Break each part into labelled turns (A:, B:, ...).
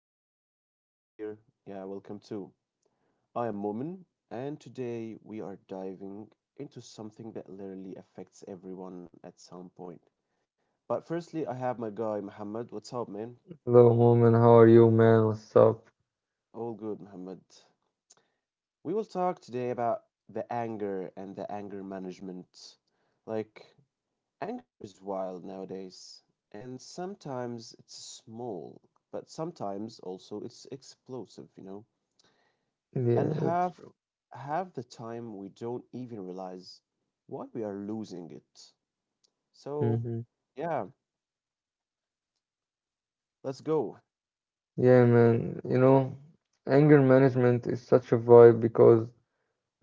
A: it's your first time here, yeah, welcome too. I am Momin, and today we are diving into something that literally affects everyone at some point. But firstly, I have my guy Muhammad. What's up, man?
B: Hello, Moment. How are you, man? What's up?
A: All good, Muhammad. We will talk today about the anger and the anger management. Like, anger is wild nowadays, and sometimes it's small, but sometimes also it's explosive, you know. And
B: Yeah, that's
A: half
B: true.
A: half the time we don't even realize why we are losing it. So,
B: hmm
A: yeah, let's go.
B: Yeah, man. You know, anger management is such a vibe because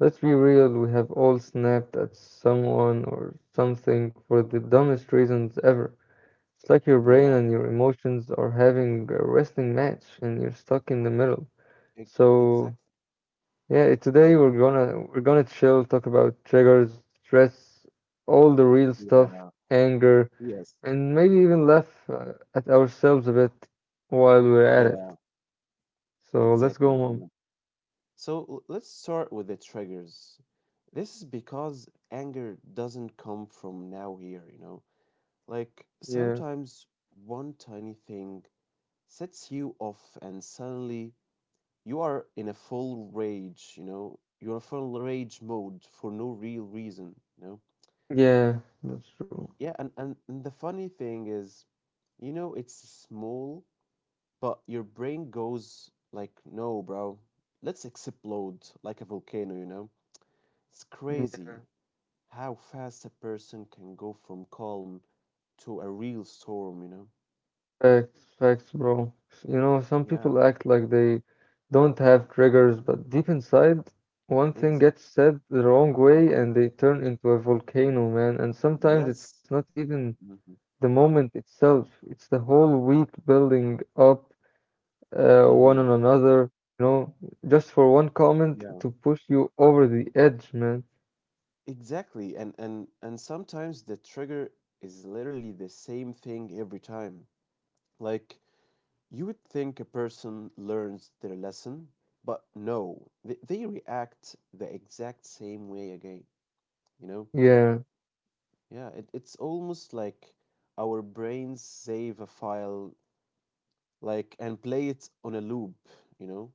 B: let's be real, we have all snapped at someone or something for the dumbest reasons ever. It's like your brain
A: Yeah,
B: and your emotions are having a wrestling match and you're stuck in the middle.
A: e-
B: So
A: exactly.
B: yeah, today
A: hmm
B: we're gonna chill, talk about triggers, stress, all the real
A: Yeah,
B: stuff, anger,
A: yes.
B: and maybe even laugh at ourselves a bit while we're at it.
A: Yeah,
B: So let's
A: exactly,
B: go, mom.
A: Muhammad. So, let's start with the triggers. This is because anger doesn't come from now here, you know. Like,
B: Yeah,
A: sometimes one tiny thing sets you off, and suddenly you are in a full rage, you know, you're in full rage mode for no real reason, you know?
B: yeah, that's true.
A: Yeah, and the funny thing is, you know, it's small, but your brain goes like, no, bro, let's explode like a volcano, you know? It's
B: Yeah,
A: crazy how fast a person can go from calm to a real storm, you know?
B: facts, bro. You know, some
A: Yeah,
B: people act like they don't have triggers, but deep inside, one thing
A: exactly.
B: gets said the wrong way and they turn into a volcano, man. And sometimes it's
A: Yes.
B: not even
A: Mm-hmm.
B: the moment itself. It's the whole week building up one
A: Mm-hmm.
B: on another, you know, just for one comment
A: Yeah.
B: to push you over the edge, man.
A: Exactly. And and sometimes the trigger is literally the same thing every time. Like you would think a person learns their lesson, but no, they react the exact same way again, you know?
B: Yeah,
A: Yeah, it's almost like our brains save a file like and play it on a loop, you know?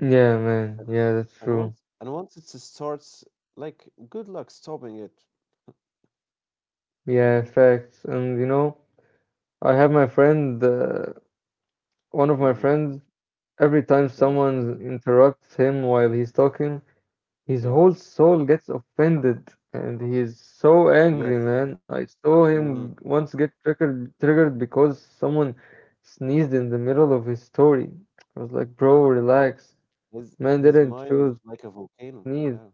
B: yeah, man.
A: And,
B: Yeah, that's
A: and
B: true.
A: once and once it starts, like good luck stopping it. Yeah.
B: Yeah, facts. And you know, I have my friend, one of my
A: Hmm.
B: friends, every time
A: Yeah,
B: someone interrupts him while he's talking, his
A: yeah,
B: whole soul gets offended, and he is so angry,
A: yes.
B: man. I saw him
A: Hmm.
B: once get triggered because someone sneezed in the middle of his story. I was like, bro,
A: Yeah,
B: relax. Man
A: his
B: didn't
A: mind
B: choose
A: is like a volcano.
B: sneeze.
A: Yeah.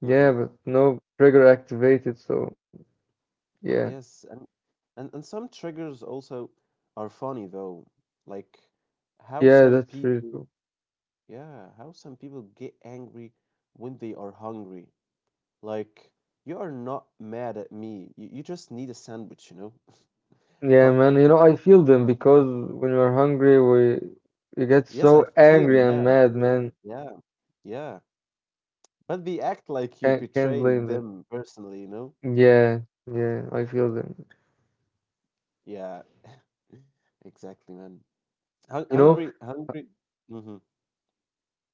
B: Yeah,
A: Hmm.
B: but no trigger activated, so yeah.
A: Yes, and some triggers also are funny though, like how
B: Yeah,
A: some
B: that's really
A: people,
B: true.
A: yeah, how some people get angry when they are hungry. Like you are not mad at me. You just need a sandwich, you know?
B: Yeah,
A: But
B: man, you know, I feel them because when we are hungry, we get
A: yes, I
B: so
A: feel
B: angry and
A: mad.
B: mad, man.
A: Yeah, yeah. But they act like you
B: Can't
A: betrayed
B: blame them.
A: them personally, you know?
B: Yeah, yeah, I feel them.
A: Yeah, exactly, man.
B: You know,
A: Hungry, hungry. Hmm.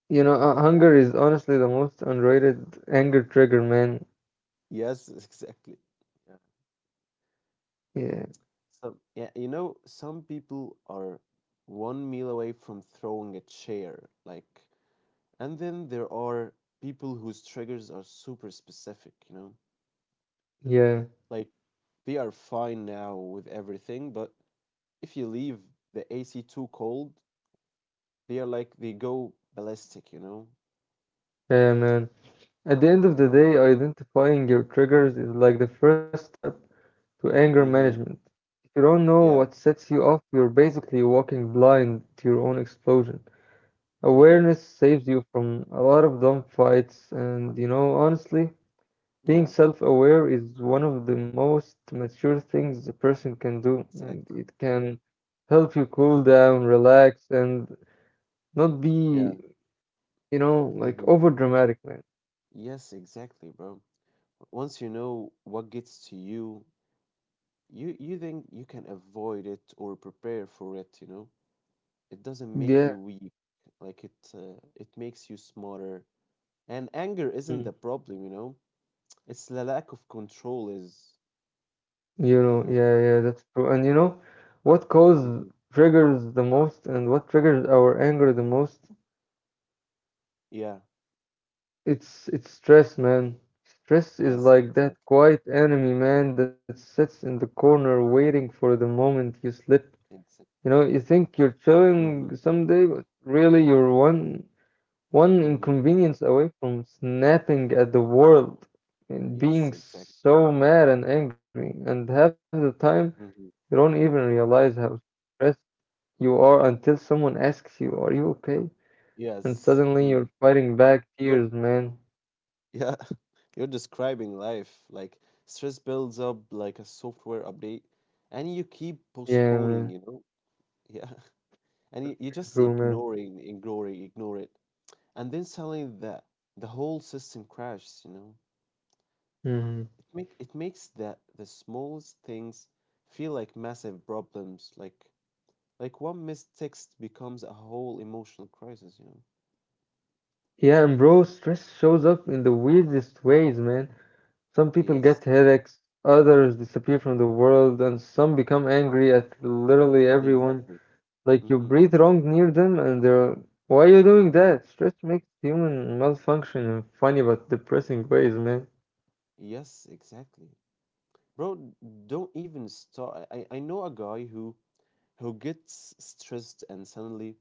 B: You know, hunger is honestly the most underrated anger trigger, man.
A: Yes, exactly. Yeah.
B: Yeah,
A: Some, yeah, you know, some people are one meal away from throwing a chair, like, and then there are people whose triggers are super specific, you know?
B: yeah,
A: Like, they are fine now with everything, but if you leave the AC too cold, they are like, they go ballistic, you know?
B: yeah, man. At the end of the
A: Yeah.
B: day, identifying your triggers is like the first step to anger
A: Mm-hmm.
B: management. If you don't know
A: Yeah.
B: what sets you off, you're basically walking blind to your own explosion.
A: Mm-hmm.
B: Awareness saves you from a lot of dumb fights, and you know, honestly. Being
A: Yeah.
B: self aware is one of the most mature things a person can do,
A: Exactly.
B: and it can help you cool
A: Exactly.
B: down, relax, and not
A: Yeah.
B: be, you know, like
A: Hmm.
B: over dramatic, man.
A: Yes, exactly, bro. Once you know what gets to you, you think you can avoid it or prepare for it, you know? It doesn't make
B: Yeah.
A: you weak. Like it makes you smarter. And anger isn't
B: Mhm.
A: the problem, you know? It's the lack of control is,
B: You
A: you
B: know,
A: know?
B: yeah, yeah, that's true. And you know, what
A: Hmm.
B: cause triggers the most and what triggers our anger the most?
A: Yeah.
B: It's stress, man. Stress is
A: Yes,
B: like
A: exactly.
B: that quiet enemy, man, that sits in the corner waiting for the moment you slip.
A: Exactly.
B: You know, you think you're
A: Mm-hmm.
B: chilling someday, but really you're one
A: Mm-hmm.
B: inconvenience away from snapping at the world and
A: Yes,
B: being
A: exactly.
B: so mad and angry. And half the time,
A: Mm-hmm.
B: you don't
A: Mm.
B: even realize how stressed you are until someone asks you, "Are you okay?" And
A: Yes.
B: suddenly
A: Mm.
B: you're fighting back
A: You're
B: tears, man.
A: Yeah, you're describing life. Like stress builds up like a software update, and you keep
B: Yeah,
A: postponing,
B: man.
A: you know? Yeah. And you just
B: True, man.
A: ignore it. And then suddenly the whole system crashes, you know?
B: hmm
A: It makes the smallest things feel like massive problems, like one missed text becomes a whole emotional crisis, you know?
B: Yeah, and bro, stress shows up in the weirdest ways, man. Some people
A: Yes,
B: get headaches, others disappear from the world, and some become angry at literally everyone.
A: exactly.
B: Like you
A: Mm-hmm.
B: breathe wrong near them, and they're, why are you doing
A: Mm-hmm.
B: that? Stress makes human malfunction in funny but depressing ways, man.
A: Yes, exactly. Bro, don't even start. I know a guy who gets stressed and suddenly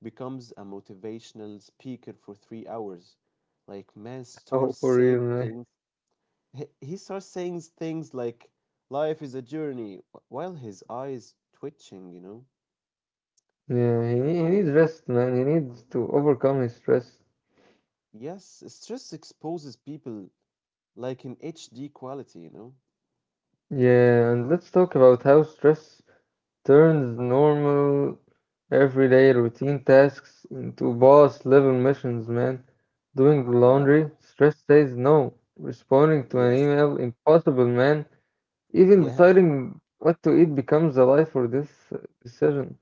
A: becomes a motivational speaker for 3 hours. Like man
B: Oh,
A: starts
B: for
A: saying
B: real, man.
A: things. He starts saying things like life is a journey while his eyes twitching, you know?
B: Yeah, he, he
A: And
B: needs rest, man. He needs to overcome his stress.
A: yes, stress exposes people like in HD quality, you know?
B: Yeah, and let's talk about how stress turns normal everyday routine tasks into boss level missions, man. Doing the
A: Yeah,
B: laundry, stress says no. Responding to an
A: yes,
B: email, impossible, man. Even
A: yeah,
B: deciding what to eat becomes a life or this decision.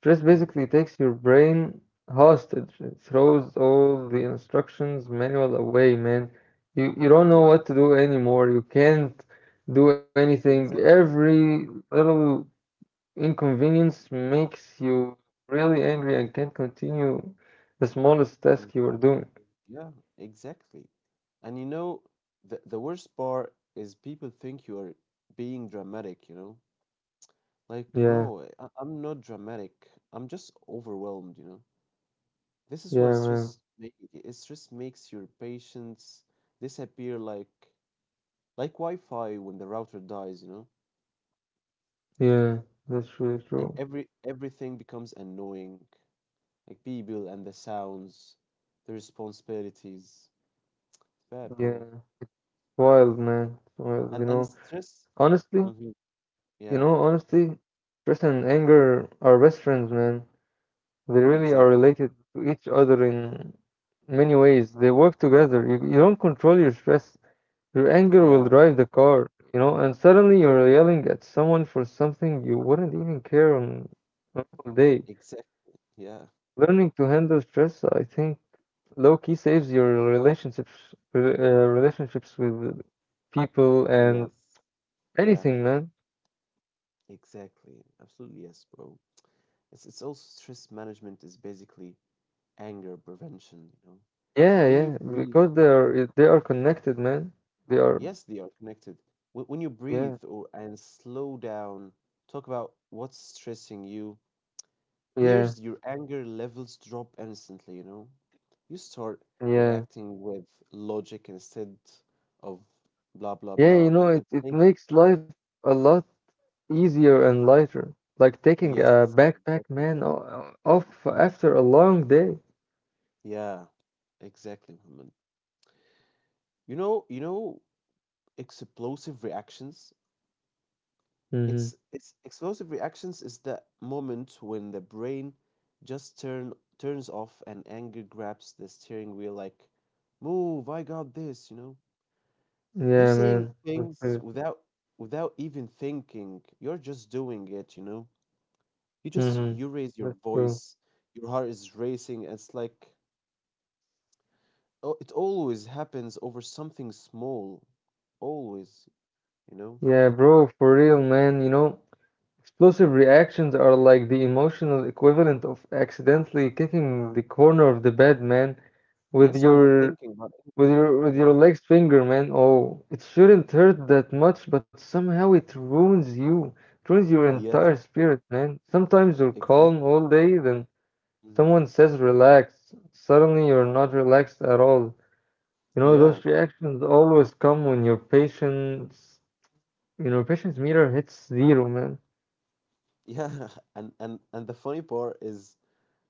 B: Stress
A: mm,
B: basically takes your brain hostage. It throws all the instructions manual away, man. You don't know
A: yeah,
B: what to do anymore. You can't do anything.
A: exactly.
B: Every little inconvenience makes you really angry and can't continue the smallest task you
A: Mm-hmm.
B: are doing.
A: Yeah, exactly. And you know, the worst part is people think you are being dramatic, you know? Like,
B: Yeah,
A: no, I'm not dramatic. I'm just overwhelmed, you know? This is
B: yeah,
A: what
B: man.
A: stress makes your patience disappear like Wi-Fi when the router dies, you know?
B: Yeah, that's really
A: And
B: true.
A: everything becomes annoying. Like people and the sounds, the responsibilities. It's bad,
B: Yeah,
A: bro.
B: wild, man. Wild, you
A: And
B: know.
A: stress,
B: Honestly,
A: hmm yeah.
B: honestly, stress and anger are best friends, man. They really are
A: Exactly.
B: related to each other in many ways. They work together. You don't control your stress, your anger will
A: Yeah,
B: drive the car, you know, and suddenly you're yelling at someone for something you wouldn't even care on a normal day.
A: exactly. Yeah,
B: Learning to handle stress, I think, low key saves your relationships, relationships with people and
A: yes. Yeah,
B: anything, man.
A: exactly. Absolutely, yes, bro. It's also stress management is basically anger prevention, you know.
B: Yeah,
A: When you
B: yeah,
A: breathe,
B: because they are connected, man. They are,
A: yes, they are connected. When you
B: yeah,
A: breathe or and slow down, talk about what's stressing you.
B: yeah,
A: Here's your anger levels drop instantly, you know. You start
B: yeah.
A: reacting with logic instead of blah blah
B: Yeah,
A: blah,
B: you
A: and
B: know,
A: it
B: it
A: makes
B: makes life a lot easier and lighter. Like taking a
A: yes,
B: backpack,
A: exactly.
B: man, off after a long day.
A: Yeah, exactly, Muhammad. You know, explosive reactions.
B: Mm-hmm.
A: It's explosive reactions is that moment when the brain just turns off and anger grabs the steering wheel like, move, I got this, you know. You
B: Yeah,
A: saying
B: man. That's
A: things
B: true.
A: without even thinking. You're just doing it, you know. You just
B: Mm-hmm.
A: you raise your
B: That's true.
A: voice, your heart is racing, and it's like oh, it always happens over something small. Always. You know?
B: Yeah, bro, for real, man. You know, explosive reactions are like the emotional equivalent of accidentally kicking the corner of the bed, man, with
A: Yes, you're not
B: your
A: thinking about anything.
B: with
A: Yeah.
B: your legs finger, man. Oh, it shouldn't hurt that much, but somehow it ruins you. It ruins your
A: Yes,
B: entire spirit, man. Sometimes you're calm
A: exactly.
B: all day, then
A: Hmm.
B: someone says relax. Suddenly you're not relaxed at all. You know,
A: Yeah.
B: those reactions always come when your patience, you know, patience meter hits zero, man.
A: Yeah. And and the funny part is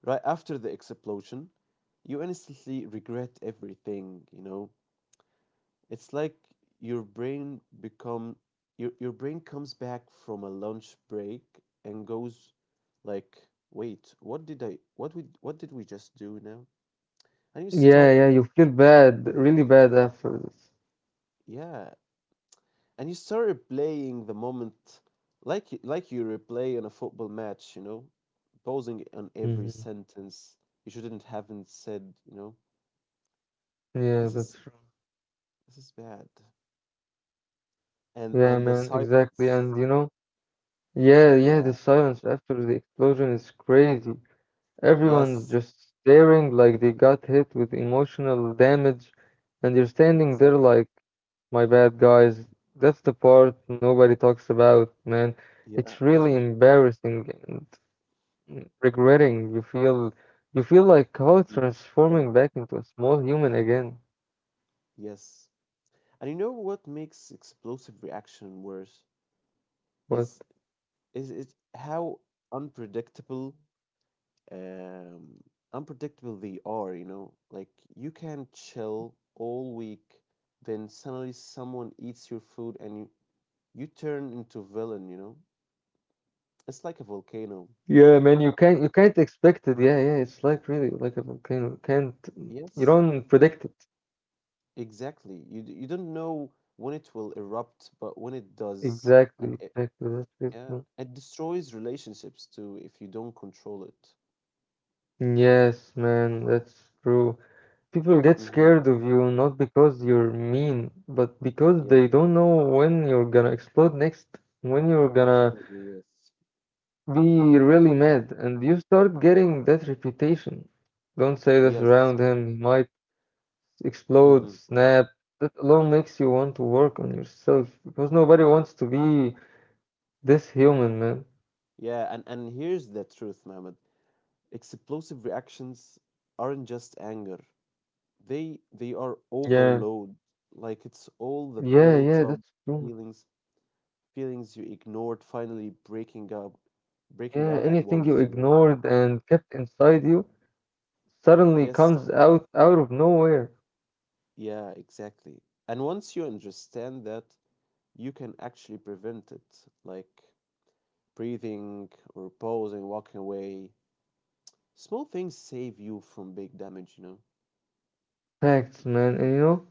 A: right after the explosion, you instantly regret everything, you know? It's like your brain become your brain comes back from a lunch break and goes like, "Wait, what did we just do now?" And you
B: Yeah,
A: start,
B: yeah, you feel bad, really bad after this.
A: yeah, and you start replaying the moment like you replay in a football match, you know, pausing on every
B: hmm
A: sentence you shouldn't haven't said, you know.
B: Yeah,
A: This
B: that's
A: is
B: true.
A: this is bad.
B: Yeah,
A: And the
B: man, exactly.
A: silence.
B: And you know, yeah, yeah,
A: Yeah.
B: the silence after the explosion is crazy. Everyone's
A: Yes,
B: just staring like they got hit with emotional damage, and you're standing there
A: exactly.
B: like, my bad, guys. That's the part nobody talks about, man. It's
A: Yeah.
B: really embarrassing and regretting. You feel like how
A: Mhm.
B: transforming
A: Yeah.
B: back into a small human again.
A: Yes. And you know what makes explosive reaction worse is
B: But
A: is it how unpredictable um, unpredictable they are, you know? Like, you can chill all week, then suddenly someone eats your food and you turn into villain, you know? It's like a volcano.
B: yeah, man, you can't expect it. Yeah, yeah, it's like really like a volcano. Can't, you
A: Yes,
B: don't
A: e-
B: predict it.
A: exactly. You, you don't know when it will erupt, but when it does,
B: Exactly,
A: and it,
B: exactly. That's
A: yeah,
B: people.
A: it destroys relationships too if you don't control it.
B: Yes, man, that's true. People get
A: Mm-hmm.
B: scared of you not because you're mean, but because they
A: Yeah,
B: don't know when you're gonna explode next, when you're gonna
A: absolutely. Yes.
B: be
A: Mm-hmm.
B: really mad, and you start getting that reputation. Don't say this around
A: Yes.
B: him, he might explode,
A: Mm-hmm.
B: snap. That alone makes you want to work on yourself because nobody wants to be this human, man.
A: Yeah, and here's the truth, Mohammed. Explosive reactions aren't just anger. They are
B: Yeah,
A: overload. Like it's all the
B: yeah, yeah,
A: built up
B: that's true.
A: feelings feelings you ignored finally
B: Yeah,
A: breaking out
B: anything
A: at
B: you
A: once, you know?
B: ignored and kept inside you suddenly
A: Yes,
B: comes out out of nowhere.
A: yeah, exactly. And once you understand that, you can actually prevent it, like breathing or pausing, walking away. Small things save you from big damage, you know?
B: Facts, man. And you know,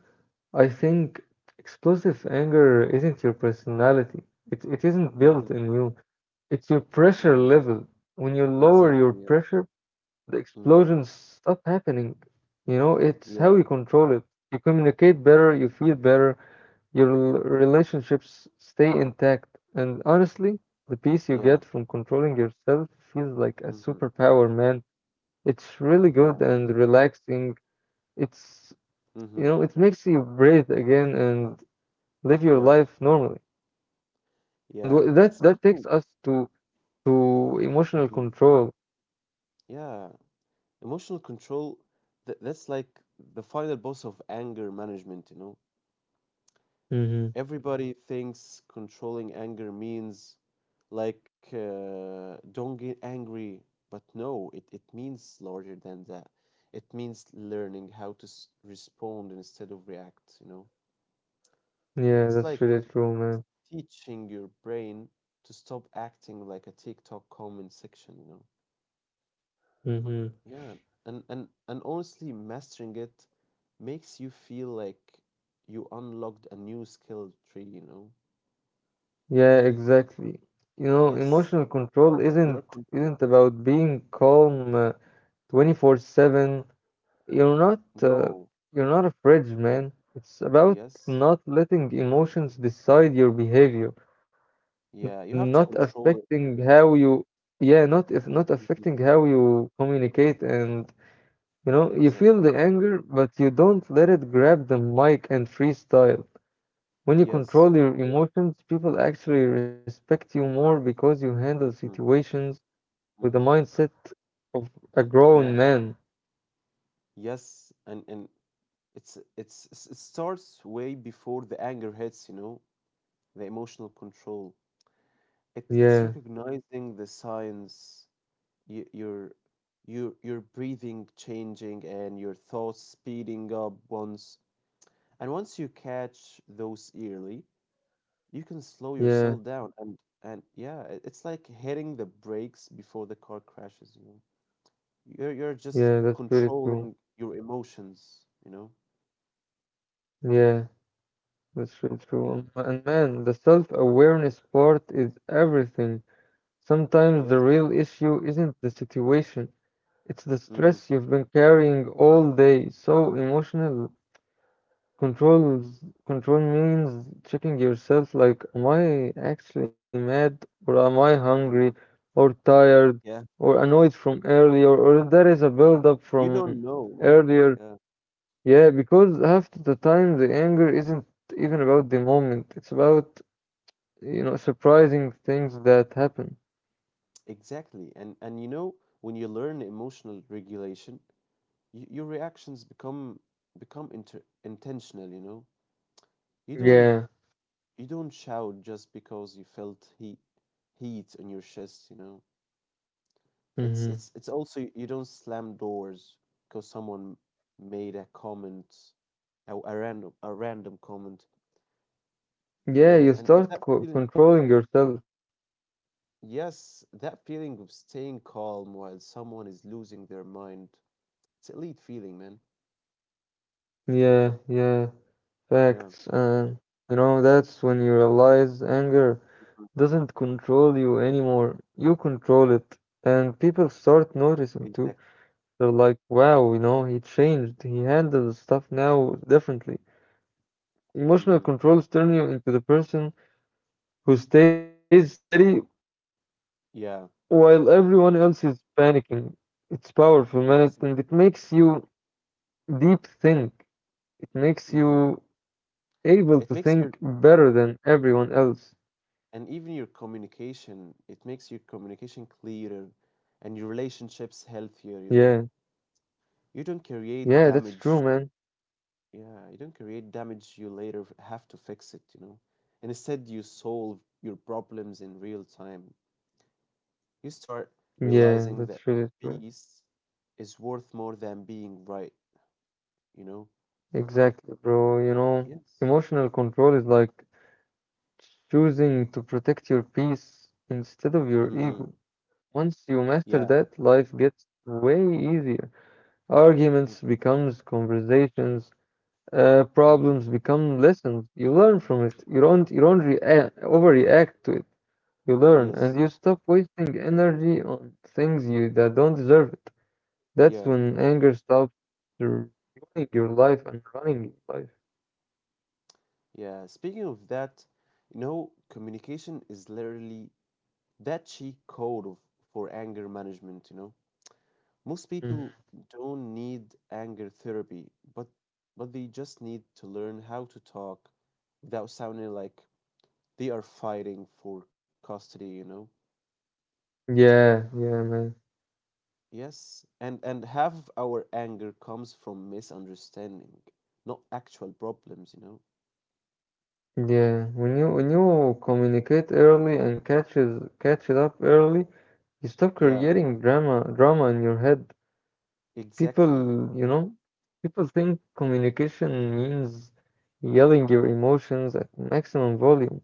B: I think explosive anger isn't your personality. It isn't built
A: Mm-hmm,
B: in you. It's your pressure
A: mm-hmm.
B: level. When you lower your
A: Exactly, yeah.
B: pressure, the
A: Mm-hmm.
B: explosions stop happening. You know, it's how you
A: Yeah,
B: control it. You communicate better, you feel better, your relationships stay intact, and honestly, the peace you get
A: yeah.
B: from controlling yourself feels like a
A: Mhm.
B: superpower, man. It's really good
A: Yeah.
B: and relaxing. It's, you know,
A: Mhm.
B: it makes you breathe again and live your
A: Yeah.
B: life normally. And
A: Yeah.
B: that takes
A: Speaking.
B: us to emotional
A: Mhm.
B: control.
A: Yeah. Emotional control. That's like the final boss of anger management. You know,
B: hmm
A: everybody thinks controlling anger means don't get angry, but no, it means larger than that. It means learning how to respond instead of react. You know,
B: Yeah,
A: it's
B: that's
A: like
B: really true, man.
A: teaching your brain to stop acting like a TikTok comment section. You know.
B: hmm
A: Yeah, and honestly, mastering it makes you feel like you unlocked a new skill tree, you know?
B: Yeah, exactly. You know,
A: Yes,
B: emotional control
A: you're
B: isn't
A: con
B: isn't about being calm 24/7. You're not uh,
A: no.
B: you're not a fridge, man. It's about
A: Yes.
B: not letting emotions decide your behavior,
A: Yeah, you
B: not
A: have to control
B: affecting
A: it.
B: how you yeah, not
A: Hmm.
B: affecting how you communicate and you know, you feel
A: Exactly.
B: the anger, but you don't let it grab the mic and freestyle. When you control
A: Yes.
B: your emotions, people actually respect you more because you handle
A: Mm-hmm.
B: situations with the
A: Mm-hmm.
B: mindset of a grown
A: Yeah.
B: man.
A: Yes, and it starts way before the anger hits, you know, the emotional control. It's
B: Yeah,
A: recognizing the signs, you, your breathing changing and your thoughts speeding up once you catch those early you can slow
B: yeah,
A: yourself down and yeah it's like hitting the brakes before the car crashes you know you're
B: yeah,
A: just
B: that's really true.
A: controlling your emotions you know
B: Yeah, that's really true.
A: yeah
B: And man, the self-awareness part is everything. Sometimes the
A: yes
B: real issue isn't the situation, it's the
A: mhm
B: stress you've been carrying all day. So emotional controls control means checking yourself like, am I actually mad or am I hungry
A: mhm.
B: or tired
A: Yeah
B: or annoyed from earlier or that is a build-up
A: you
B: from
A: don't know man
B: earlier.
A: yeah
B: Yeah, because half the time the anger isn't even about the moment. It's about, you know, surprising things that happen.
A: exactly and you know when you learn emotional regulation your reactions become intentional you know you don't
B: Yeah.
A: you don't shout just because you felt heat on your chest you know
B: hmm
A: it's also you don't slam doors because someone made a comment a random comment you
B: Yeah,
A: know
B: you
A: and
B: start
A: that
B: co
A: feeling
B: controlling yourself.
A: yes that feeling of staying calm while someone is losing their mind it's elite feeling man
B: Yeah, yeah,
A: yeah.
B: facts. And, you know, that's when you realize anger
A: Mhm.
B: doesn't control you anymore. You control it. And people start noticing
A: Exactly.
B: too. They're like, wow, you know, he changed. He handles stuff now differently. Emotional
A: Hmm.
B: controls turn you into the person who stays steady
A: Yeah
B: while everyone else is panicking. It's powerful,
A: exactly.
B: man, and it makes you deep think. It
A: Hmm.
B: makes you
A: it makes your
B: able to think better than everyone else.
A: And even your communication it makes your communication clearer and your relationships healthier you know
B: Yeah,
A: you don't create
B: yeah, that's
A: damage
B: true, man.
A: yeah you don't create damage you later have to fix it you know and instead you solve your problems in real time you start
B: Yeah,
A: realizing that
B: that's really true.
A: peace is worth more than being right you know.
B: Exactly, bro. You know,
A: Yes.
B: emotional control is like choosing to protect your peace instead of your
A: Mm-hmm.
B: ego. Once you
A: Yeah.
B: master that, life gets way easier. Arguments
A: Mm.
B: becomes conversations, uh,
A: Mhm.
B: problems become lessons. You learn from it. You don't you don't
A: Yeah.
B: rea- overreact to it. You learn and
A: Yes.
B: you stop wasting energy on things you that don't deserve it. That's
A: Yeah
B: when anger stops ruining your life and running your life.
A: yeah speaking of that, you know communication is literally that cheat code for anger management you know most
B: Mhm.
A: people don't need anger therapy but they just need to learn how to talk without sounding like they are fighting for custody you know.
B: Yeah, yeah, man.
A: Yes and half of our anger comes from misunderstanding not actual problems you know.
B: Yeah, when you communicate early and catch it up early, you stop
A: Yeah
B: creating drama in your head.
A: exactly
B: People, you know, people think communication means yelling your emotions at maximum volume,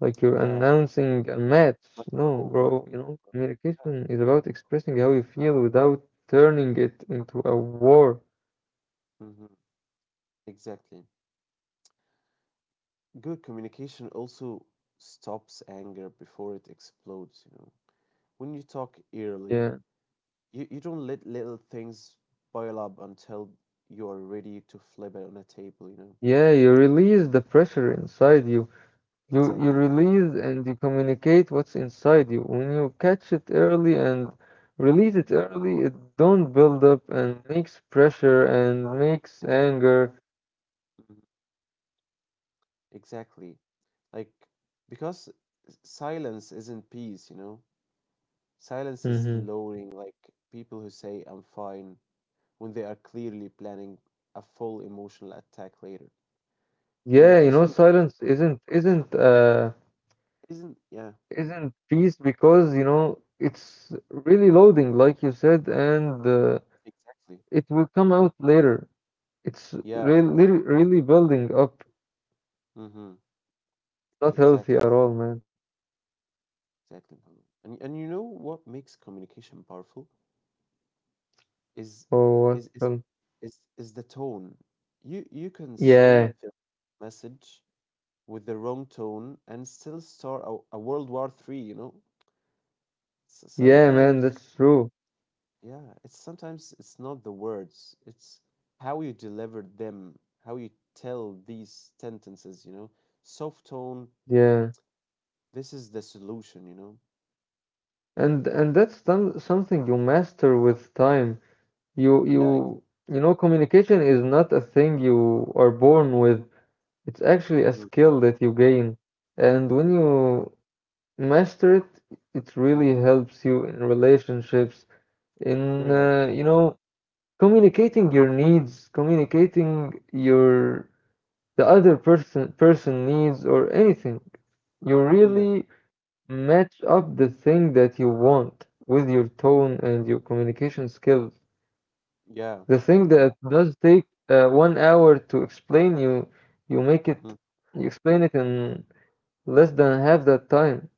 B: like you're
A: yeah
B: announcing a match. No,
A: but
B: bro, you
A: no,
B: know,
A: yeah
B: communication is about expressing how you feel without turning it into a war.
A: hmm exactly. Good communication also stops anger before it explodes, you know. When you talk
B: Yeah.
A: early, you don't let little things pile up until you are ready to flip it on a table, you know.
B: Yeah, you release the pressure inside you. You
A: Exactly.
B: release and you communicate what's inside you. When you catch it early and release it early, it don't build up and makes pressure and makes
A: Exactly.
B: anger.
A: Mhm. Exactly. Like because silence isn't peace, you know. Silence is
B: Hmm.
A: lowering, like people who say I'm fine when they are clearly planning a full emotional attack later.
B: Yeah, you know,
A: Communication
B: silence isn't isn't uh
A: isn't, yeah,
B: isn't peace because you know it's really loading, like you said, and
A: exactly.
B: it will come out later. It's
A: Yeah.
B: really really building up,
A: Mm-hmm.
B: not healthy at
A: Exactly.
B: all, man.
A: Exactly. Muhammad. And you know what makes communication powerful is
B: Oh, what?
A: is is
B: Hell.
A: is the tone. You can
B: Yeah,
A: say the message with the wrong tone and still start a World War Three, you know? S
B: yeah, man,
A: sometimes,
B: that's true.
A: yeah, it's sometimes it's not the words, it's how you deliver them, how you tell these sentences, you know? Soft tone,
B: Yeah,
A: this is the solution, you know?
B: and that's something you master with time. You you
A: Yeah,
B: you know, communication is not a thing you are born with. It's actually a
A: exactly.
B: skill that you gain. And when you master it, it really
A: Mm-hmm.
B: helps you in relationships, in
A: Very helpful.
B: communicating your needs, communicating your the other person needs or anything. You
A: Yes.
B: really match up the thing that you want with your tone and your communication skills.
A: Yeah.
B: The thing that
A: Yeah.
B: does take 1 hour to explain, you make it
A: Mm.
B: you explain it in less than half that time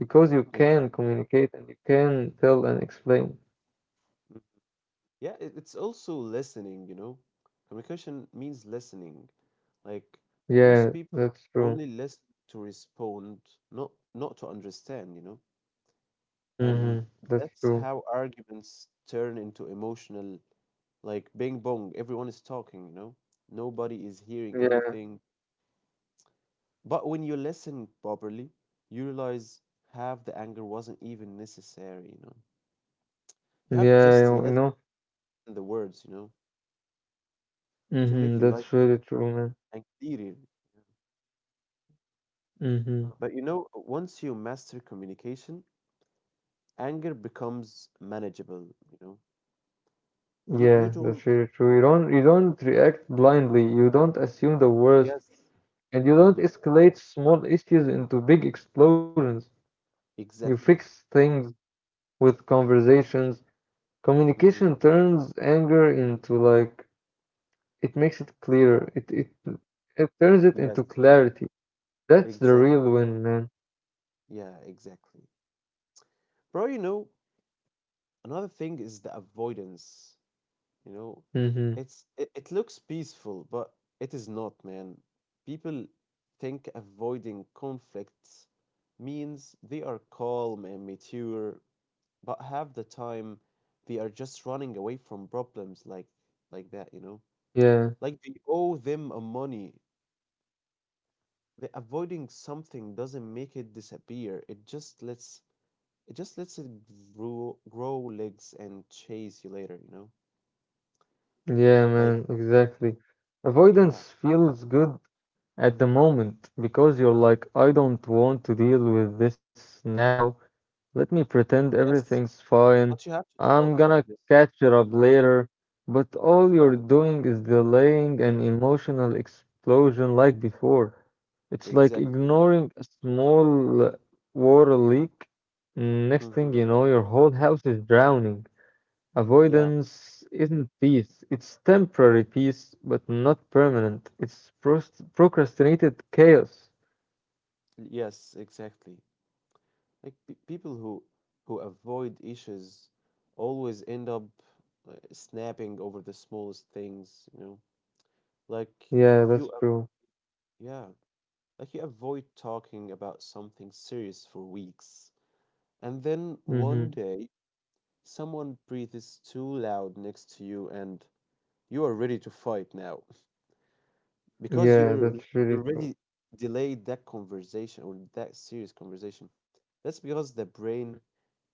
B: because you can
A: Exactly.
B: communicate and you can tell and explain.
A: Yeah. It's also listening, you know. Communication means listening. Like most
B: Yeah,
A: people
B: that's true.
A: only listen to respond, not to understand, you know.
B: Hmm.
A: And
B: That's
A: that's
B: true.
A: how arguments turn into emotional, like bing bong. Everyone is talking, you know. Nobody is hearing
B: Yeah,
A: anything. But when you listen properly, you realize half the anger wasn't even necessary, you know. You have
B: yeah,
A: just
B: you
A: listened
B: know.
A: in the words, you know. It will
B: Hmm.
A: make your life
B: That's
A: easier
B: really true, man.
A: and clearer. Yeah.
B: Hmm.
A: But you know, once you master communication, anger becomes manageable, you know. You
B: Yeah, that's
A: don't
B: very true. You don't react blindly. You don't assume the worst,
A: yes.
B: and you don't
A: Mm-hmm.
B: escalate small issues into big explosions. You fix
A: Exactly.
B: things with conversations.
A: Mm-hmm.
B: Communication turns anger into, like, it makes it
A: Yeah.
B: clearer. It turns it
A: Yes.
B: into clarity. That's the
A: Exact.
B: real win, man.
A: Yeah, exactly. Bro, you know, another thing is the avoidance. You know,
B: Mm-hmm.
A: it looks peaceful, but it is not, man. People think avoiding conflicts means they are calm and mature, but half the time they are just running away from problems like that, you know?
B: Yeah,
A: Like they owe them a money. The avoiding something doesn't make it disappear. It just lets it grow legs and chase you later, you know?
B: yeah,
A: Like,
B: man, exactly.
A: yeah.
B: Avoidance feels good at the moment because you're like, I don't want to deal with this now. Let me pretend
A: Yes,
B: everything's fine.
A: but you have to talk
B: I'm gonna
A: about this.
B: catch it up
A: Mhm.
B: later. But all you're
A: Yeah,
B: doing is delaying an emotional explosion like before. It's like
A: exactly.
B: ignoring a small water leak. Next thing
A: Hmm.
B: you know, your whole house is drowning.
A: Yeah,
B: Avoidance isn't peace, it's temporary peace, but not permanent. It's procrastinated chaos.
A: yes, exactly. Like pe people who avoid issues always end up snapping over the smallest things, you know? Like
B: Yeah, that's
A: you, a-
B: true.
A: yeah, like you avoid talking about something serious for weeks, and then one
B: Hmm.
A: day someone breathes too loud next to you, and you are ready to fight now. Because
B: Yeah,
A: you
B: that's really
A: already
B: true.
A: delayed that conversation or that serious conversation. That's because the brain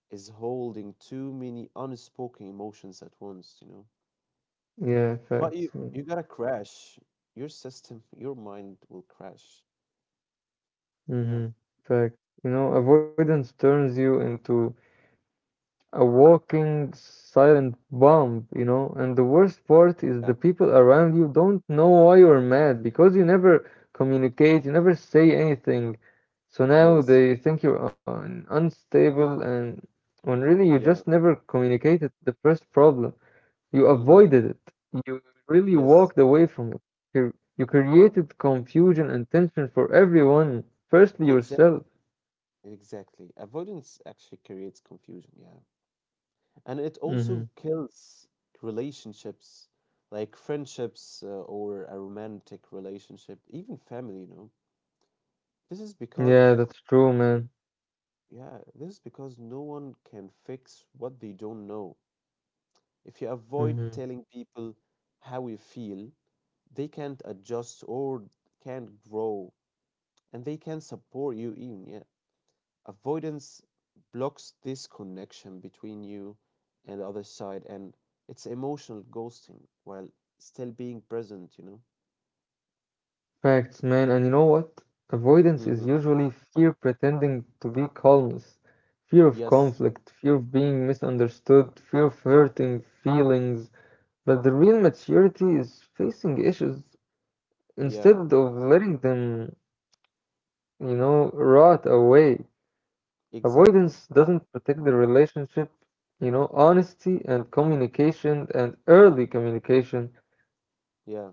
A: is holding too many unspoken emotions at once, you know.
B: Yeah,
A: But you
B: facts.
A: you gotta crash. Your system, your mind will crash. Yeah,
B: Mm-hmm. Fact. You know, avoidance turns you into a walking silent bomb, you know. And the worst part is the
A: yeah,
B: people around you don't know why you're mad because you never communicate, you never say anything. So now
A: yes,
B: they think you're un unstable, and when really you
A: yeah,
B: just never communicated the first problem. You
A: mm-hmm,
B: avoided it. You really
A: yes.
B: walked away from it. You
A: No,
B: created confusion and tension for everyone, firstly
A: exactly,
B: yourself.
A: exactly. Avoidance actually creates confusion. Yeah, and it also
B: Hmm.
A: kills relationships like friendships or a romantic relationship, even family, you know. This is because
B: Yeah, that's true, man.
A: yeah, this is because no one can fix what they don't know. If you avoid
B: Hmm.
A: telling people how you feel, they can't adjust, or can't grow, and they can not support you even. Yeah, avoidance blocks this connection between you and the other side, and it's emotional ghosting while still being present, you know.
B: Facts, man, and you know what? Avoidance is
A: Hmm.
B: usually fear pretending to be calmness, fear of
A: Yes.
B: conflict, fear of being misunderstood, fear of hurting feelings. But the real maturity is facing issues instead
A: Yeah,
B: of letting them, you know, rot away. Avoidance
A: exactly.
B: doesn't protect the relationship, you know, honesty and communication and early communication
A: Yeah,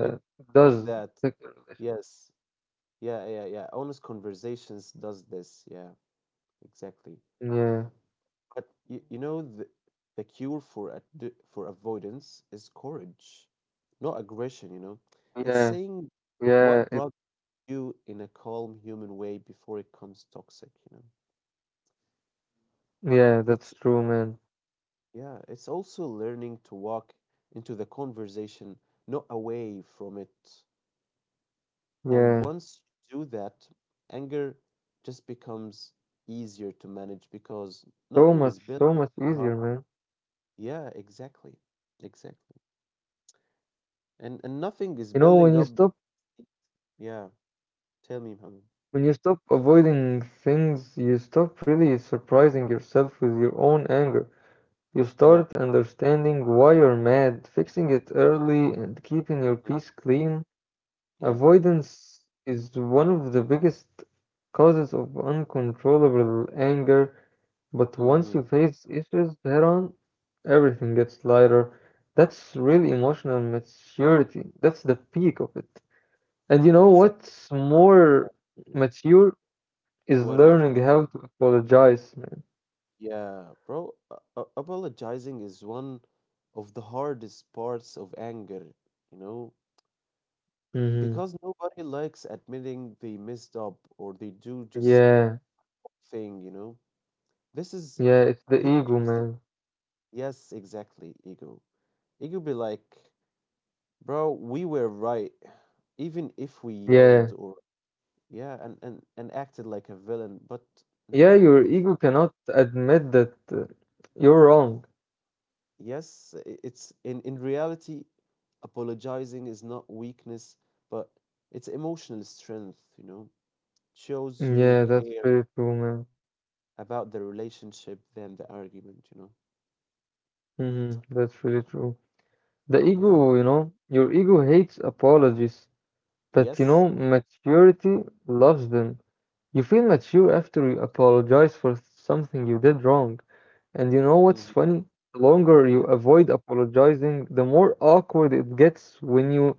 A: it does
B: does
A: that.
B: protect the
A: Yes. Yeah, honest conversations does this. Yeah, exactly.
B: relationship.
A: But you know the cure for avoidance is courage, not aggression, you know. It's
B: Yeah.
A: saying what
B: Yeah, yeah,
A: you in a calm human way before it becomes toxic, you know.
B: yeah,
A: it's
B: that's true, man.
A: yeah it's also learning to walk into the conversation, not away from it. And
B: Yeah,
A: once you do that, anger just becomes easier to manage because
B: so
A: nothing is
B: much,
A: built
B: so much
A: behind.
B: easier, man.
A: Yeah, exactly, exactly. And nothing is
B: You know,
A: building
B: when you
A: up.
B: stop,
A: Yeah, tell me Mohammed.
B: when you stop avoiding things, you stop really surprising yourself with your own anger. You
A: Yeah,
B: start understanding why you're mad, fixing it early, and keeping your
A: mm,
B: peace clean.
A: yeah,
B: Avoidance is one of the biggest causes of uncontrollable anger, but
A: mm-hmm.
B: once you face issues head on, everything gets lighter. That's really emotional maturity. That's the peak of it. And you know
A: Exactly.
B: what's
A: Yeah,
B: more mature is
A: what is it?
B: learning how to apologize,
A: Yeah, bro, apologizing is one of the hardest parts of anger, you know,
B: man.
A: because nobody likes admitting they messed up or they do
B: Hmm.
A: just
B: Yeah,
A: thing, you know. This is
B: yeah, it's the
A: he-
B: ego,
A: here's the
B: man.
A: yes, exactly, ego. Ego be like, bro, we were right, even if we
B: Yeah,
A: yelled or yeah, and acted like a villain, but
B: yeah,
A: no.
B: your ego cannot admit that you're wrong.
A: Yes, it's in reality, apologizing is not weakness, but it's emotional strength, you know. Shows you
B: Yeah, that's
A: care
B: really true, man.
A: about the relationship than the argument, you know.
B: Hmm. That's really true. The
A: Yeah.
B: ego, you know, your ego hates apologies, but you know,
A: Yes.
B: maturity loves them. You feel mature after you apologize for something you did wrong. And you know what's
A: Hmm.
B: funny? The longer you
A: Yeah.
B: avoid apologizing, the more awkward it gets when you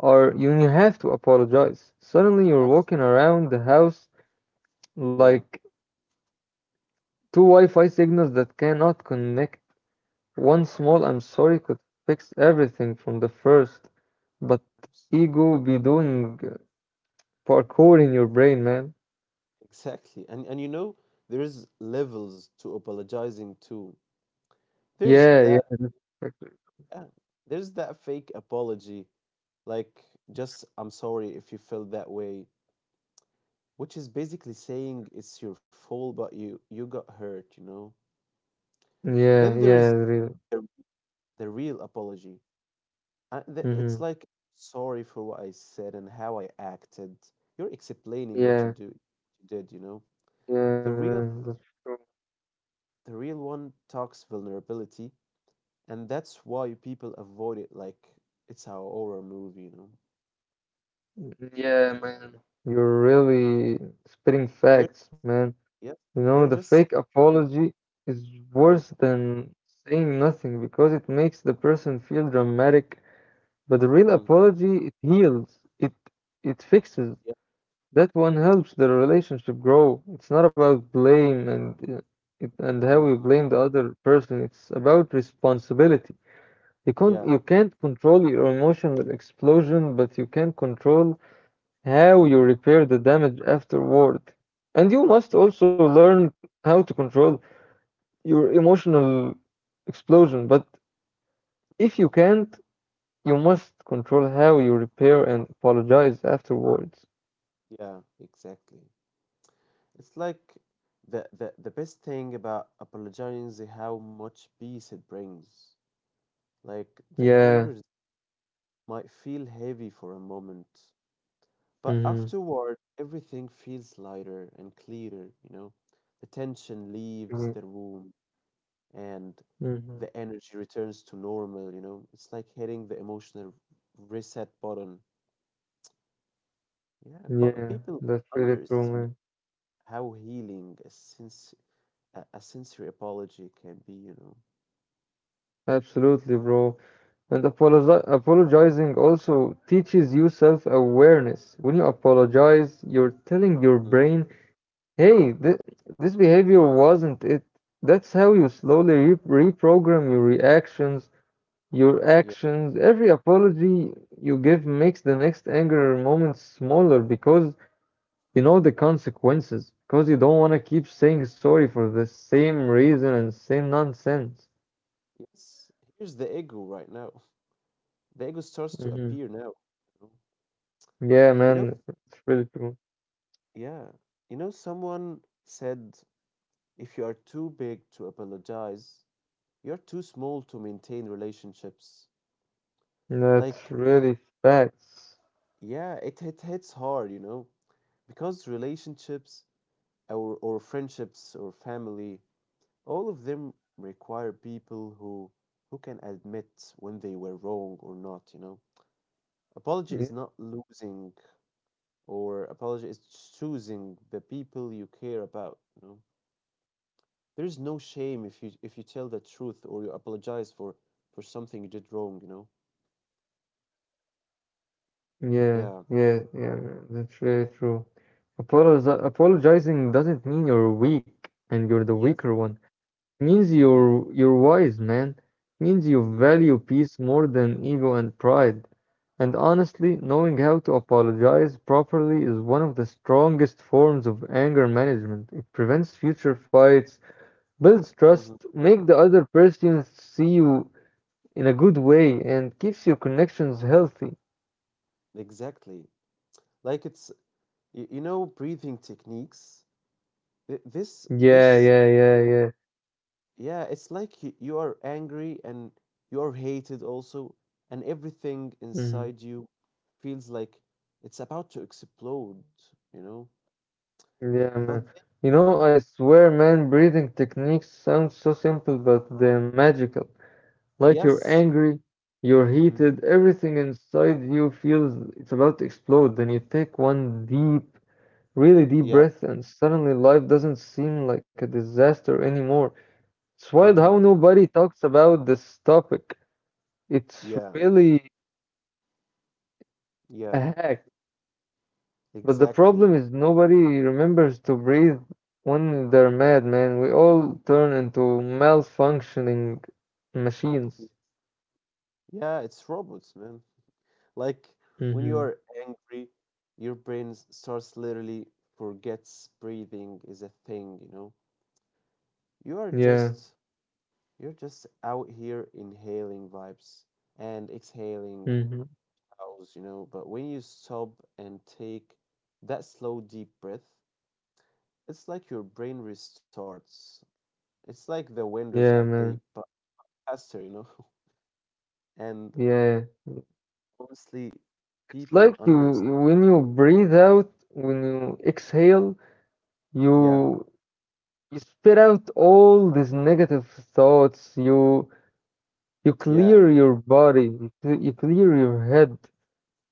B: are when you have to apologize. Suddenly you're
A: Abs-
B: walking around the house
A: yeah.
B: like two Wi-Fi signals that cannot connect. One small I'm sorry could fix everything from the first, but
A: Abs-
B: ego be doing parkour in your brain, man.
A: exactly. And you know, there is levels to apologizing too. There's
B: Yeah, yeah,
A: that
B: exactly.
A: Yeah, there's that fake apology, like just I'm sorry if you felt that way, which is basically saying it's your fault but you got hurt, you know. Then
B: Yeah,
A: there's
B: yeah, really.
A: the, the real apology, it's
B: Hmm.
A: like sorry for what I said and how I acted. You're explaining what
B: Yeah,
A: you did, you know.
B: yeah,
A: the real
B: man, that's true.
A: the real one talks vulnerability, and that's why people avoid it like it's a horror movie, you know.
B: Mm, yeah, man, you're really spitting
A: You're
B: facts, man.
A: yeah
B: You know,
A: you're
B: the
A: just
B: fake apology is
A: Mm-hmm,
B: worse than saying nothing because it makes the person feel dramatic, but the real
A: mm,
B: apology, it heals, it fixes.
A: yeah,
B: That one helps the relationship grow. It's not about blame and
A: mm,
B: how you blame the other person. It's about responsibility. You can't
A: yeah,
B: you can't control your emotional explosion, but you can control how you
A: mhm,
B: repair the damage afterward. And you must
A: y-
B: also learn how to control your emotional explosion. But if you can't, you must control how you repair and apologize afterwards.
A: yeah, exactly. It's like the best thing about apologizing is how much peace it brings. Like the
B: Yeah.
A: conversation might feel heavy for a moment, but
B: Mm-hmm.
A: afterward everything feels lighter and clearer, you know? The tension leaves the room and
B: Hmm.
A: the energy returns to normal, you know? It's like hitting the emotional reset button. Yeah, but
B: Yeah,
A: people
B: that's really true,
A: underestimate
B: man.
A: how healing a sincere apology can be, you know.
B: Absolutely, bro. And apologizing also teaches you self-awareness. When you apologize, you're telling your brain, hey, th this behavior wasn't it. That's how you
A: Yes.
B: slowly re reprogram your reactions, your
A: Yeah.
B: actions. Every apology you give makes the next anger moment smaller because you know the consequences, because you don't want to keep saying sorry for the same reason and same nonsense.
A: Yes. Here's the ego right now. The ego starts to
B: Mhm.
A: appear now. You know,
B: Yeah,
A: You know,
B: man, it's really true.
A: yeah. You know, someone said if you are too big to apologize, you're too small to maintain relationships.
B: That's
A: Like,
B: really facts.
A: yeah, it hits hard, you know, because relationships or friendships or family, all of them require people who can admit when they were wrong or not, you know. Apology
B: Yeah,
A: is not losing, or apology is choosing the people you care about, you know. There's no shame if you tell the truth or you apologize for something you did wrong, you know.
B: yeah,
A: Yeah,
B: yeah, yeah, man, that's really true. Apologizing doesn't mean you're weak and you're the
A: yes,
B: weaker one. It means
A: mm-hmm.
B: you're wise, man. It means you value peace more than ego and pride. And honestly, knowing how to apologize properly is one of the strongest forms of anger management. It prevents future fights. Builds
A: Mm-hmm.
B: trust, make the other person see you in a good way, and keeps your connections healthy.
A: Exactly. Like it's you, you know, breathing techniques. Th- this
B: Yeah,
A: this
B: yeah, yeah, yeah.
A: yeah, it's like you are angry and you are hated also, and everything
B: Hmm.
A: inside you feels like it's about to explode, you know.
B: Yeah,
A: But
B: man.
A: then,
B: You know, I swear, man, breathing techniques sound so simple, but they're magical. Like you're
A: yes,
B: angry, you're
A: mm,
B: heated, everything inside you feels it's about to explode. Then you take one deep, really deep
A: yeah,
B: breath, and suddenly life doesn't seem like a disaster anymore. It's wild how
A: mhm,
B: nobody talks about this topic. It's
A: yeah,
B: really a
A: yeah,
B: hack, but the
A: exactly.
B: problem is nobody remembers to breathe when they're mad, man. We all turn into malfunctioning
A: Y-
B: machines.
A: Yeah, it's robots, man. Like when you
B: Mm-hmm.
A: are angry, your brain starts literally forgets breathing is a thing, you know? You are
B: Yeah.
A: just you're just out here inhaling vibes and exhaling
B: Mm-hmm.
A: cows, you know, but when you stop and take that slow deep breath, it's like your brain restarts. It's like the Windows
B: Yeah,
A: update,
B: man.
A: but faster, you know? And
B: Yeah.
A: honestly,
B: It's
A: people
B: like you
A: under
B: when you breathe out, when you exhale,
A: yeah,
B: you you spit out all these negative thoughts. You
A: yeah,
B: clear your body, you clear your head.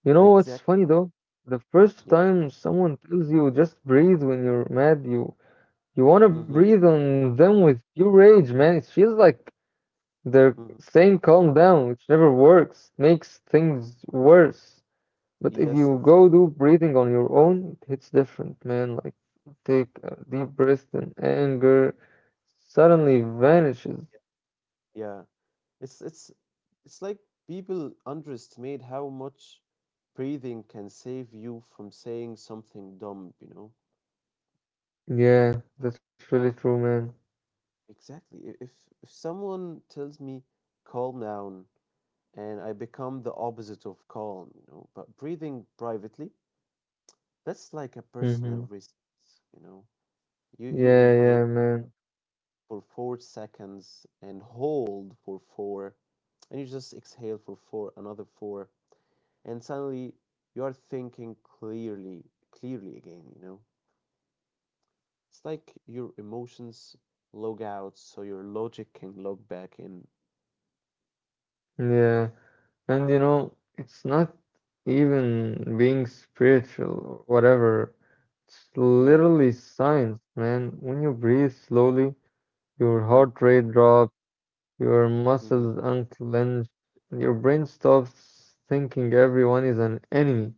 B: You know what's
A: exact,
B: funny though? The first
A: yeah,
B: time someone tells you just breathe when you're mad, you want to
A: mm-hmm,
B: breathe on them with pure rage, man. It feels like they're
A: mm-hmm.
B: saying calm down, which never works, makes things worse. But if
A: Yes,
B: you
A: exactly,
B: go do breathing on your own, it hits different, man. Like take a deep breath and anger suddenly vanishes.
A: yeah. It's it's it's like people underestimate how much breathing can save you from saying something dumb, you know?
B: Yeah, that's really true, man.
A: Exactly. If someone tells me calm down and I become the opposite of calm, you know, but breathing privately, that's like a
B: Hmm.
A: personal risk, you know. You
B: Yeah,
A: inhale
B: yeah, man.
A: for 4 seconds and hold for four, and you just exhale for four, another four, and suddenly you are thinking clearly, clearly again, you know? It's like your emotions log out so your logic can log back in.
B: Yeah. And you know, it's not even being spiritual or whatever. It's
A: Yeah.
B: literally science, man. When you breathe slowly, your
A: Mm-hmm.
B: heart rate drops, your
A: Mm-hmm.
B: muscles unclench, and your brain stops thinking everyone is an enemy.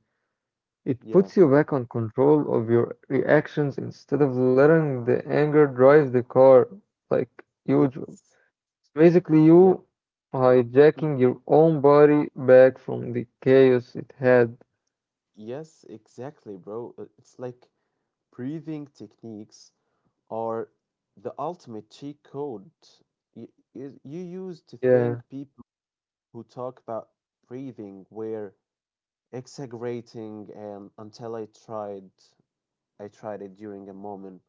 B: It
A: Yeah.
B: puts you back on control of your reactions instead of letting the anger drive the car like usual.
A: Yes.
B: It's basically
A: Yeah.
B: you
A: Mm.
B: hijacking your own body back from the chaos it had.
A: Yes, exactly, bro. It's like breathing techniques are the ultimate cheat code. You, you used to
B: Yeah.
A: think people who talk about breathing were exaggerating, and until I tried it during a moment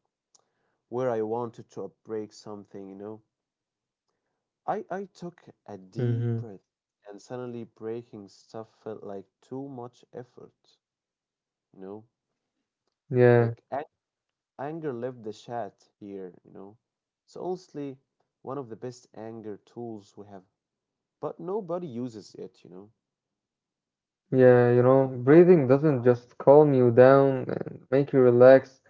A: where I wanted to break something, you know. I
B: Hmm.
A: took a deep breath and suddenly breaking stuff felt like too much effort, you know.
B: Yeah.
A: Like a- Anger left the chat here, you know. It's honestly one of the best anger tools we have, but nobody uses it, you know.
B: Yeah. You know, breathing doesn't just calm you down and make you relax.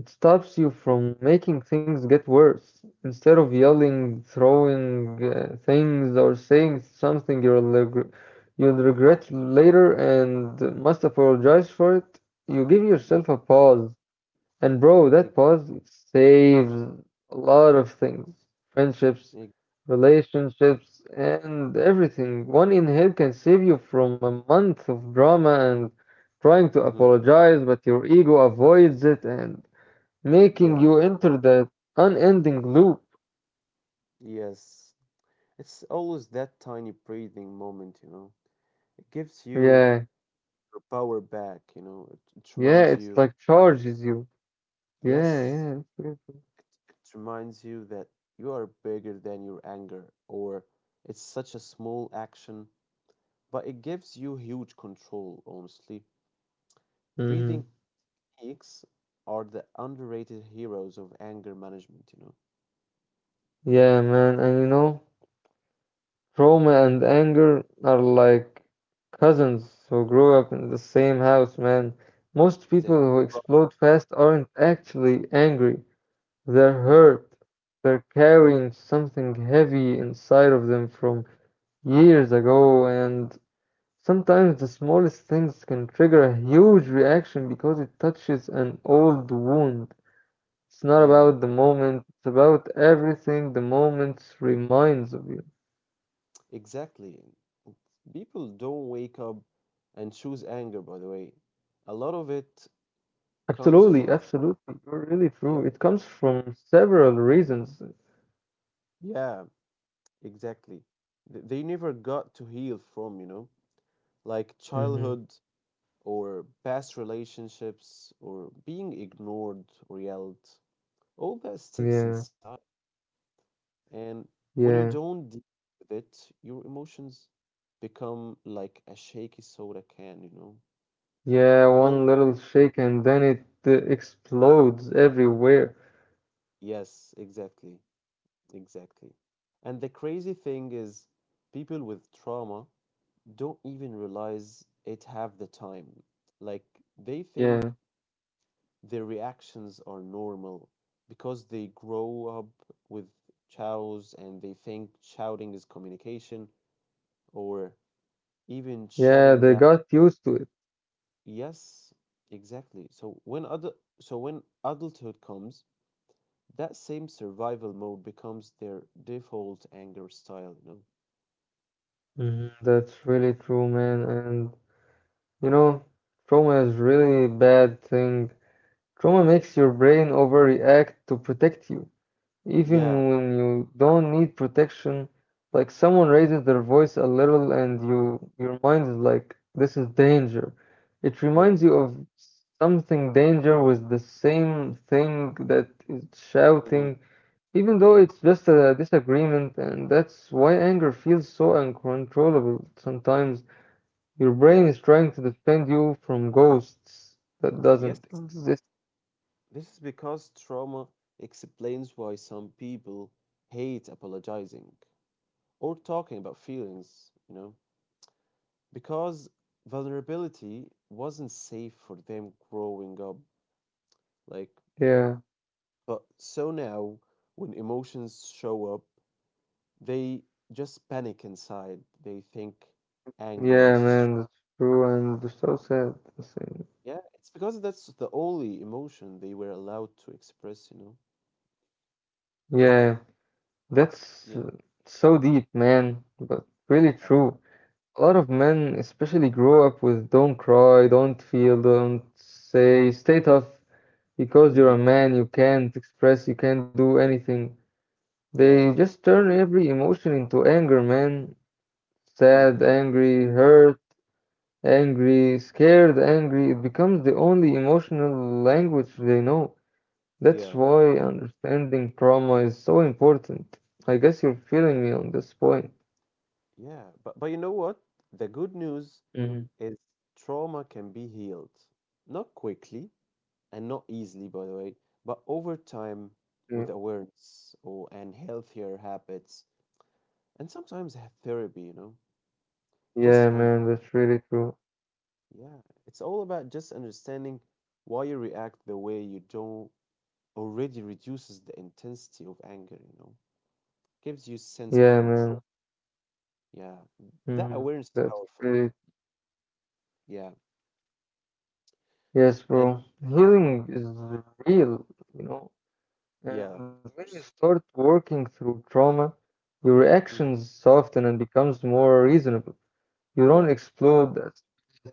B: It stops you from making things get worse. Instead of yelling, throwing things, or saying something you'll regret later and must apologize for it, you give
A: Yeah.
B: yourself a pause. And bro, that
A: Ex-
B: pause saves a lot of things. Friendships,
A: ex-
B: relationships, and everything. One inhale can save you from a month of drama and trying to
A: mhm.
B: apologize, but your ego avoids it and making
A: Yeah.
B: you enter that unending loop.
A: Yes. It's always that tiny breathing moment, you know. It gives you
B: Yeah,
A: your power back, you know.
B: yeah, it's like charges you.
A: Yes,
B: Yeah, yeah.
A: it reminds you that you are bigger than your anger, or it's such a small action, but it gives you huge control, honestly. Breathing
B: Mm-hmm.
A: techniques are the underrated heroes of anger management, you know.
B: Yeah, man, and you know. Trauma
A: Hmm.
B: and anger are like cousins who grow up in the same house, man. Most people
A: Exactly.
B: who
A: Right.
B: explode fast aren't actually angry, they're
A: Yeah.
B: hurt. They're
A: Mm.
B: carrying something heavy inside of them from years ago, and sometimes the smallest things can trigger a huge reaction because it touches an old wound. It's not
A: Yeah.
B: about the moment, it's about everything the moment reminds of you.
A: Exactly. People don't wake up and choose anger, by the way. A lot of it comes
B: Absolutely,
A: from,
B: absolutely. You're really
A: yeah,
B: true. It comes from several reasons.
A: yeah, exactly. They never got to heal from, you know, like
B: Hmm.
A: childhood or past relationships or being ignored or yelled. All that sticks
B: Yeah,
A: inside. And when you
B: yeah,
A: don't deal with it, your emotions become like a shaky soda can, you know?
B: yeah.
A: Well,
B: One little shake and then it explodes everywhere.
A: yes, exactly. Exactly. And the crazy thing is, people with trauma don't even realize it half the time. Like, they think
B: Yeah,
A: their reactions are normal because they grow up with chows and they think shouting is communication or even
B: yeah.
A: shutting
B: They
A: down.
B: got used to it.
A: Yes, exactly. So when adulthood comes, that same survival mode becomes their default anger style, you know?
B: Hmm. That's really true, man. And you know, trauma is really bad thing. Trauma makes your brain overreact to protect you. Even
A: Yeah,
B: when you don't need protection, like someone raises their voice a little and your mind is like, this is danger. It
A: yeah.
B: reminds you of something danger was the same thing that is
A: Mhm,
B: shouting, even though
A: mhm.
B: it's just a disagreement, and that's why anger feels so uncontrollable. Sometimes your brain
A: Yeah.
B: is trying to defend you from ghosts that
A: Yes,
B: doesn't exist.
A: this is because trauma explains why some people hate apologizing or talking about feelings, you know, because vulnerability wasn't safe for them growing up. Like,
B: Yeah,
A: but so now when emotions show up, they just panic inside. They think anger is
B: yeah,
A: str-
B: man, that's true, and so sad.
A: yeah, it's because that's the only emotion they were allowed to express, you know.
B: Yeah,
A: Yeah.
B: that's so deep, man, but really true. A lot of men, especially, grow up with don't cry, don't feel, don't say, stay tough because you're
A: Hmm.
B: a man, you can't express, you can't do anything. They
A: Yeah.
B: just turn every emotion into anger, man. Sad,
A: Mm-hmm.
B: angry, hurt, angry, scared, angry. It becomes the only emotional language they know. That's
A: Yeah.
B: why understanding trauma is so important. I guess you're feeling me on this point.
A: Yeah. But you know what? The good news
B: Hmm.
A: is trauma can be healed. Not quickly and not easily, by the way, but over time with
B: Yeah,
A: awareness or and healthier habits and sometimes therapy, you know. Just
B: yeah,
A: under
B: man, that's really true.
A: yeah. It's all about just understanding why you react the way you don't already reduces the intensity of anger, you know. Gives you sense of
B: Yeah,
A: control.
B: man.
A: Yeah. That
B: Mhm.
A: awareness is
B: That's
A: powerful.
B: great.
A: Yeah.
B: Yes,
A: And
B: bro. Healing is real, you know. And
A: yeah, of
B: when you
A: course.
B: start working through trauma, your
A: Hmm.
B: reactions soften and becomes more reasonable. You don't
A: Yeah,
B: explode as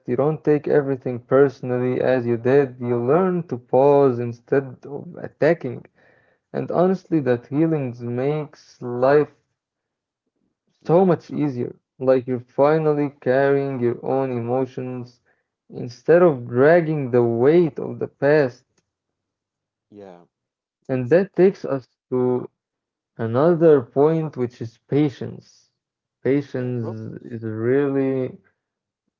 B: You don't take everything personally as you did. You learn to pause instead of attacking. And honestly, that healing makes life
A: yeah,
B: so much easier. Like you're finally carrying your own emotions instead of dragging the weight of the past.
A: yeah,
B: And that
A: exactly.
B: takes us to another point, which is patience.
A: Yeah,
B: Patience
A: bro.
B: is a really,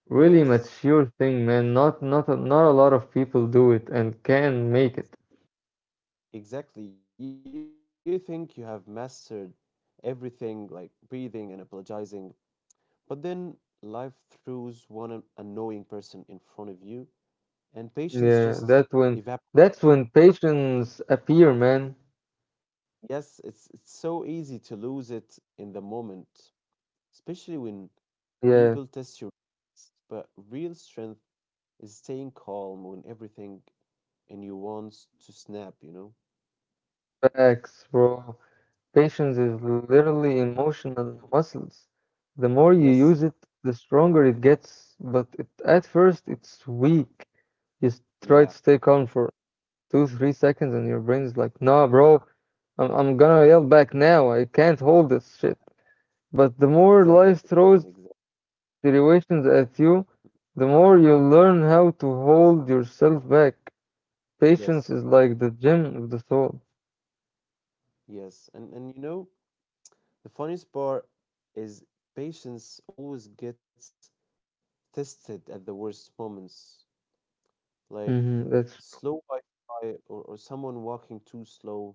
B: really
A: Yes,
B: mature thing, man. Not a lot of people do it and can make it.
A: exactly. You think you have mastered everything, like breathing and apologizing, but then life throws one annoying person in front of you, and patience just
B: Yeah,
A: evaporates.
B: that's when patience appear, man.
A: Yes, it's so easy to lose it in the moment, especially when
B: Yeah.
A: people test your limits, but real strength is staying calm when everything in you wants to snap, you know?
B: Facts, bro. Patience is literally emotional muscles. The more you
A: Yes,
B: use it, the stronger it gets. But at first, it's weak. You try
A: yeah,
B: to stay calm for 2, 3 seconds, and your brain's like, "Nah, bro, I'm gonna yell back now. I can't hold this shit." But the
A: exactly,
B: more life
A: exactly.
B: throws situations at you, the more you learn how to hold yourself back. Patience
A: Yes,
B: is like the gym of the soul.
A: yes. And you know, the funniest part is patience always gets tested at the worst moments, like
B: Hmm. That's
A: slow Wi-Fi or someone walking too slow.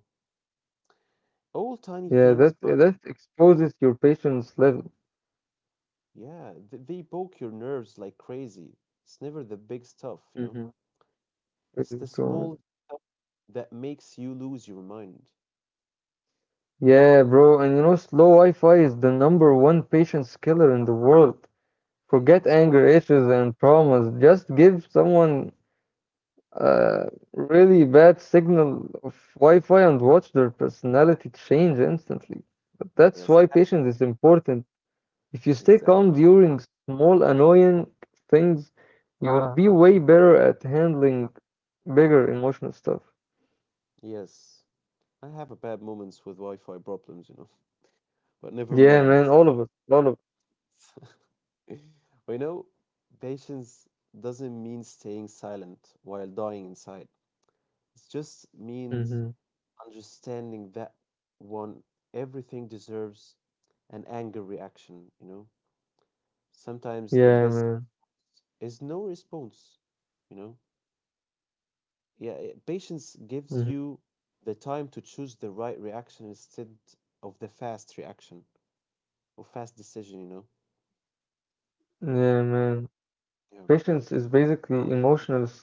A: All tiny
B: Yeah,
A: things,
B: that
A: but
B: that exposes your patience level.
A: yeah, th they poke your nerves like crazy. It's never the big stuff, you know?
B: Hmm.
A: It's
B: Crazy,
A: the
B: bro.
A: small stuff that makes you lose your mind.
B: Yeah, bro, and slow Wi-Fi is the number one patience killer in the world. Forget
A: Exactly. Of
B: anger
A: course.
B: issues and traumas. Just give someone a really bad signal of Wi-Fi and watch their personality change instantly. But that's why
A: Yes. I
B: patience is important. If you stay
A: have, exactly.
B: calm during small annoying things, you will be way better at handling bigger emotional stuff.
A: Yes. I have a bad moments with Wi-Fi problems, you know. But never
B: Yeah,
A: mind.
B: man, all of it, all of
A: Well, you know patience doesn't mean staying silent while dying inside. It just means
B: Mhm.
A: understanding that one everything deserves an anger reaction, you know. Sometimes the
B: Yeah,
A: best
B: man.
A: is no response, you know. Yeah, eh, patience
B: Mhm.
A: gives you the time to choose the right reaction instead of the fast reaction or fast decision, you know?
B: Yeah, man. Patience is
A: Yeah.
B: basically emotional strategy.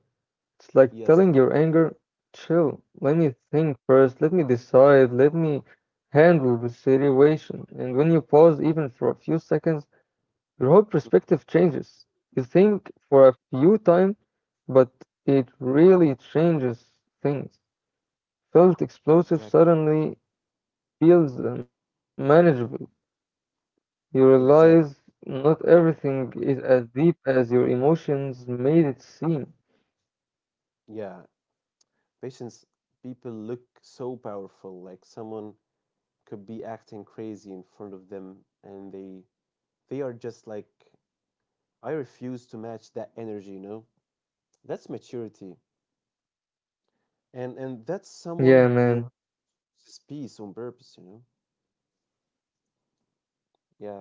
B: It's like telling your
A: Yes.
B: anger, chill, let me think first, let me decide, let me handle the situation. And when you pause even for a few seconds, your whole
A: Mm,
B: perspective changes. You think for a few time, but it really changes things. Felt
A: exactly.
B: explosive suddenly feels manageable. You realize
A: Exactly.
B: not everything is as deep as your emotions made it seem.
A: Yeah. Patience, people look so powerful, like someone could be acting crazy in front of them and they are just like I refuse to match that energy, you know? That's maturity. And that's someone
B: Yeah,
A: who
B: man.
A: speaks on purpose, you know?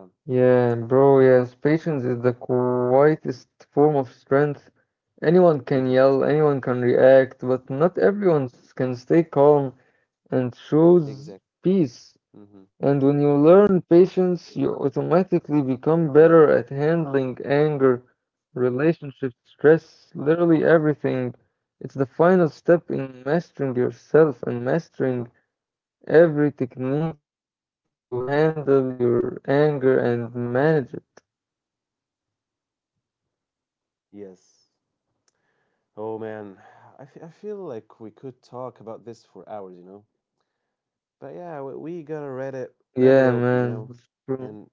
A: Yeah.
B: bro, yes. Patience is the quietest form of strength. Anyone can yell,
A: Mm-hmm.
B: anyone can react, but not everyone can stay calm and choose
A: Exactly.
B: peace.
A: Mm-hmm.
B: And when you learn patience, you
A: Yeah,
B: automatically become better at handling anger, relationships, stress, literally everything. It's the final step in mastering yourself and mastering every technique to handle your anger and manage it.
A: yes. Oh man, I feel like we could talk about this for hours, you know. But yeah, we gotta wrap it
B: Yeah,
A: up, you
B: man.
A: know.
B: It's true.
A: And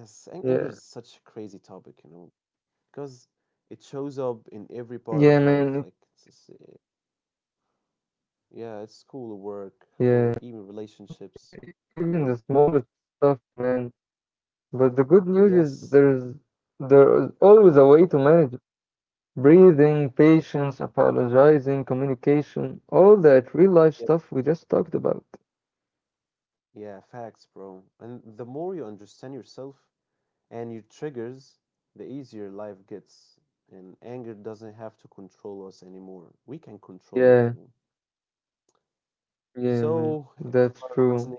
A: yes,
B: Yeah.
A: anger is such a crazy topic, you know, because it shows up in every
B: Yeah,
A: part of life.
B: man.
A: Like, yeah, it's school or work or even
B: Yeah.
A: relationships,
B: Even the
A: family.
B: smallest stuff, man. But the good news is
A: Yes,
B: there is always a way to manage. Breathing, patience, apologizing, communication, all that real life
A: yeah,
B: stuff we just talked about.
A: yeah, facts, bro. And the more you understand yourself, and your triggers, the easier life gets. And anger doesn't have to control us anymore. We can control it,
B: Yeah,
A: you know.
B: yeah, man.
A: So, if you
B: That's
A: are
B: true.
A: listening,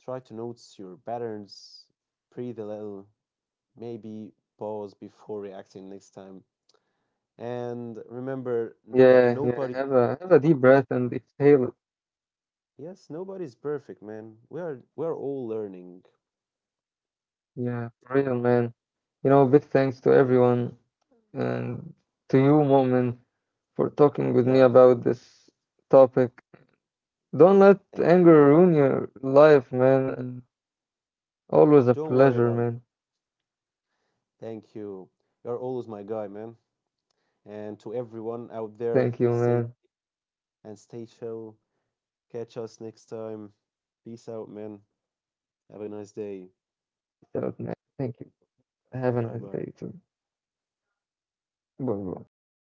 A: try to notice your patterns, breathe a little, maybe pause before reacting next time. And remember that
B: Yeah, yeah.
A: nobody,
B: Have a deep breath and exhale it.
A: yes, nobody's perfect, man. We are all learning.
B: Yeah, for real, man. Big thanks to everyone
A: Yeah,
B: and to you, Mo'min, for talking with me
A: yeah, of
B: about
A: course.
B: this topic. Don't let
A: Thank
B: anger
A: you.
B: ruin your life, man. And always a
A: Don't worry
B: pleasure,
A: about.
B: man.
A: Thank you. You're always my guy, man. And to everyone out there,
B: Thank you,
A: stay
B: man.
A: and stay chill. Catch us next time. Peace out, man. Have a nice day.
B: Shout out, man. Thank you. Have a
A: Bye
B: nice
A: bye.
B: day too. Bye bye.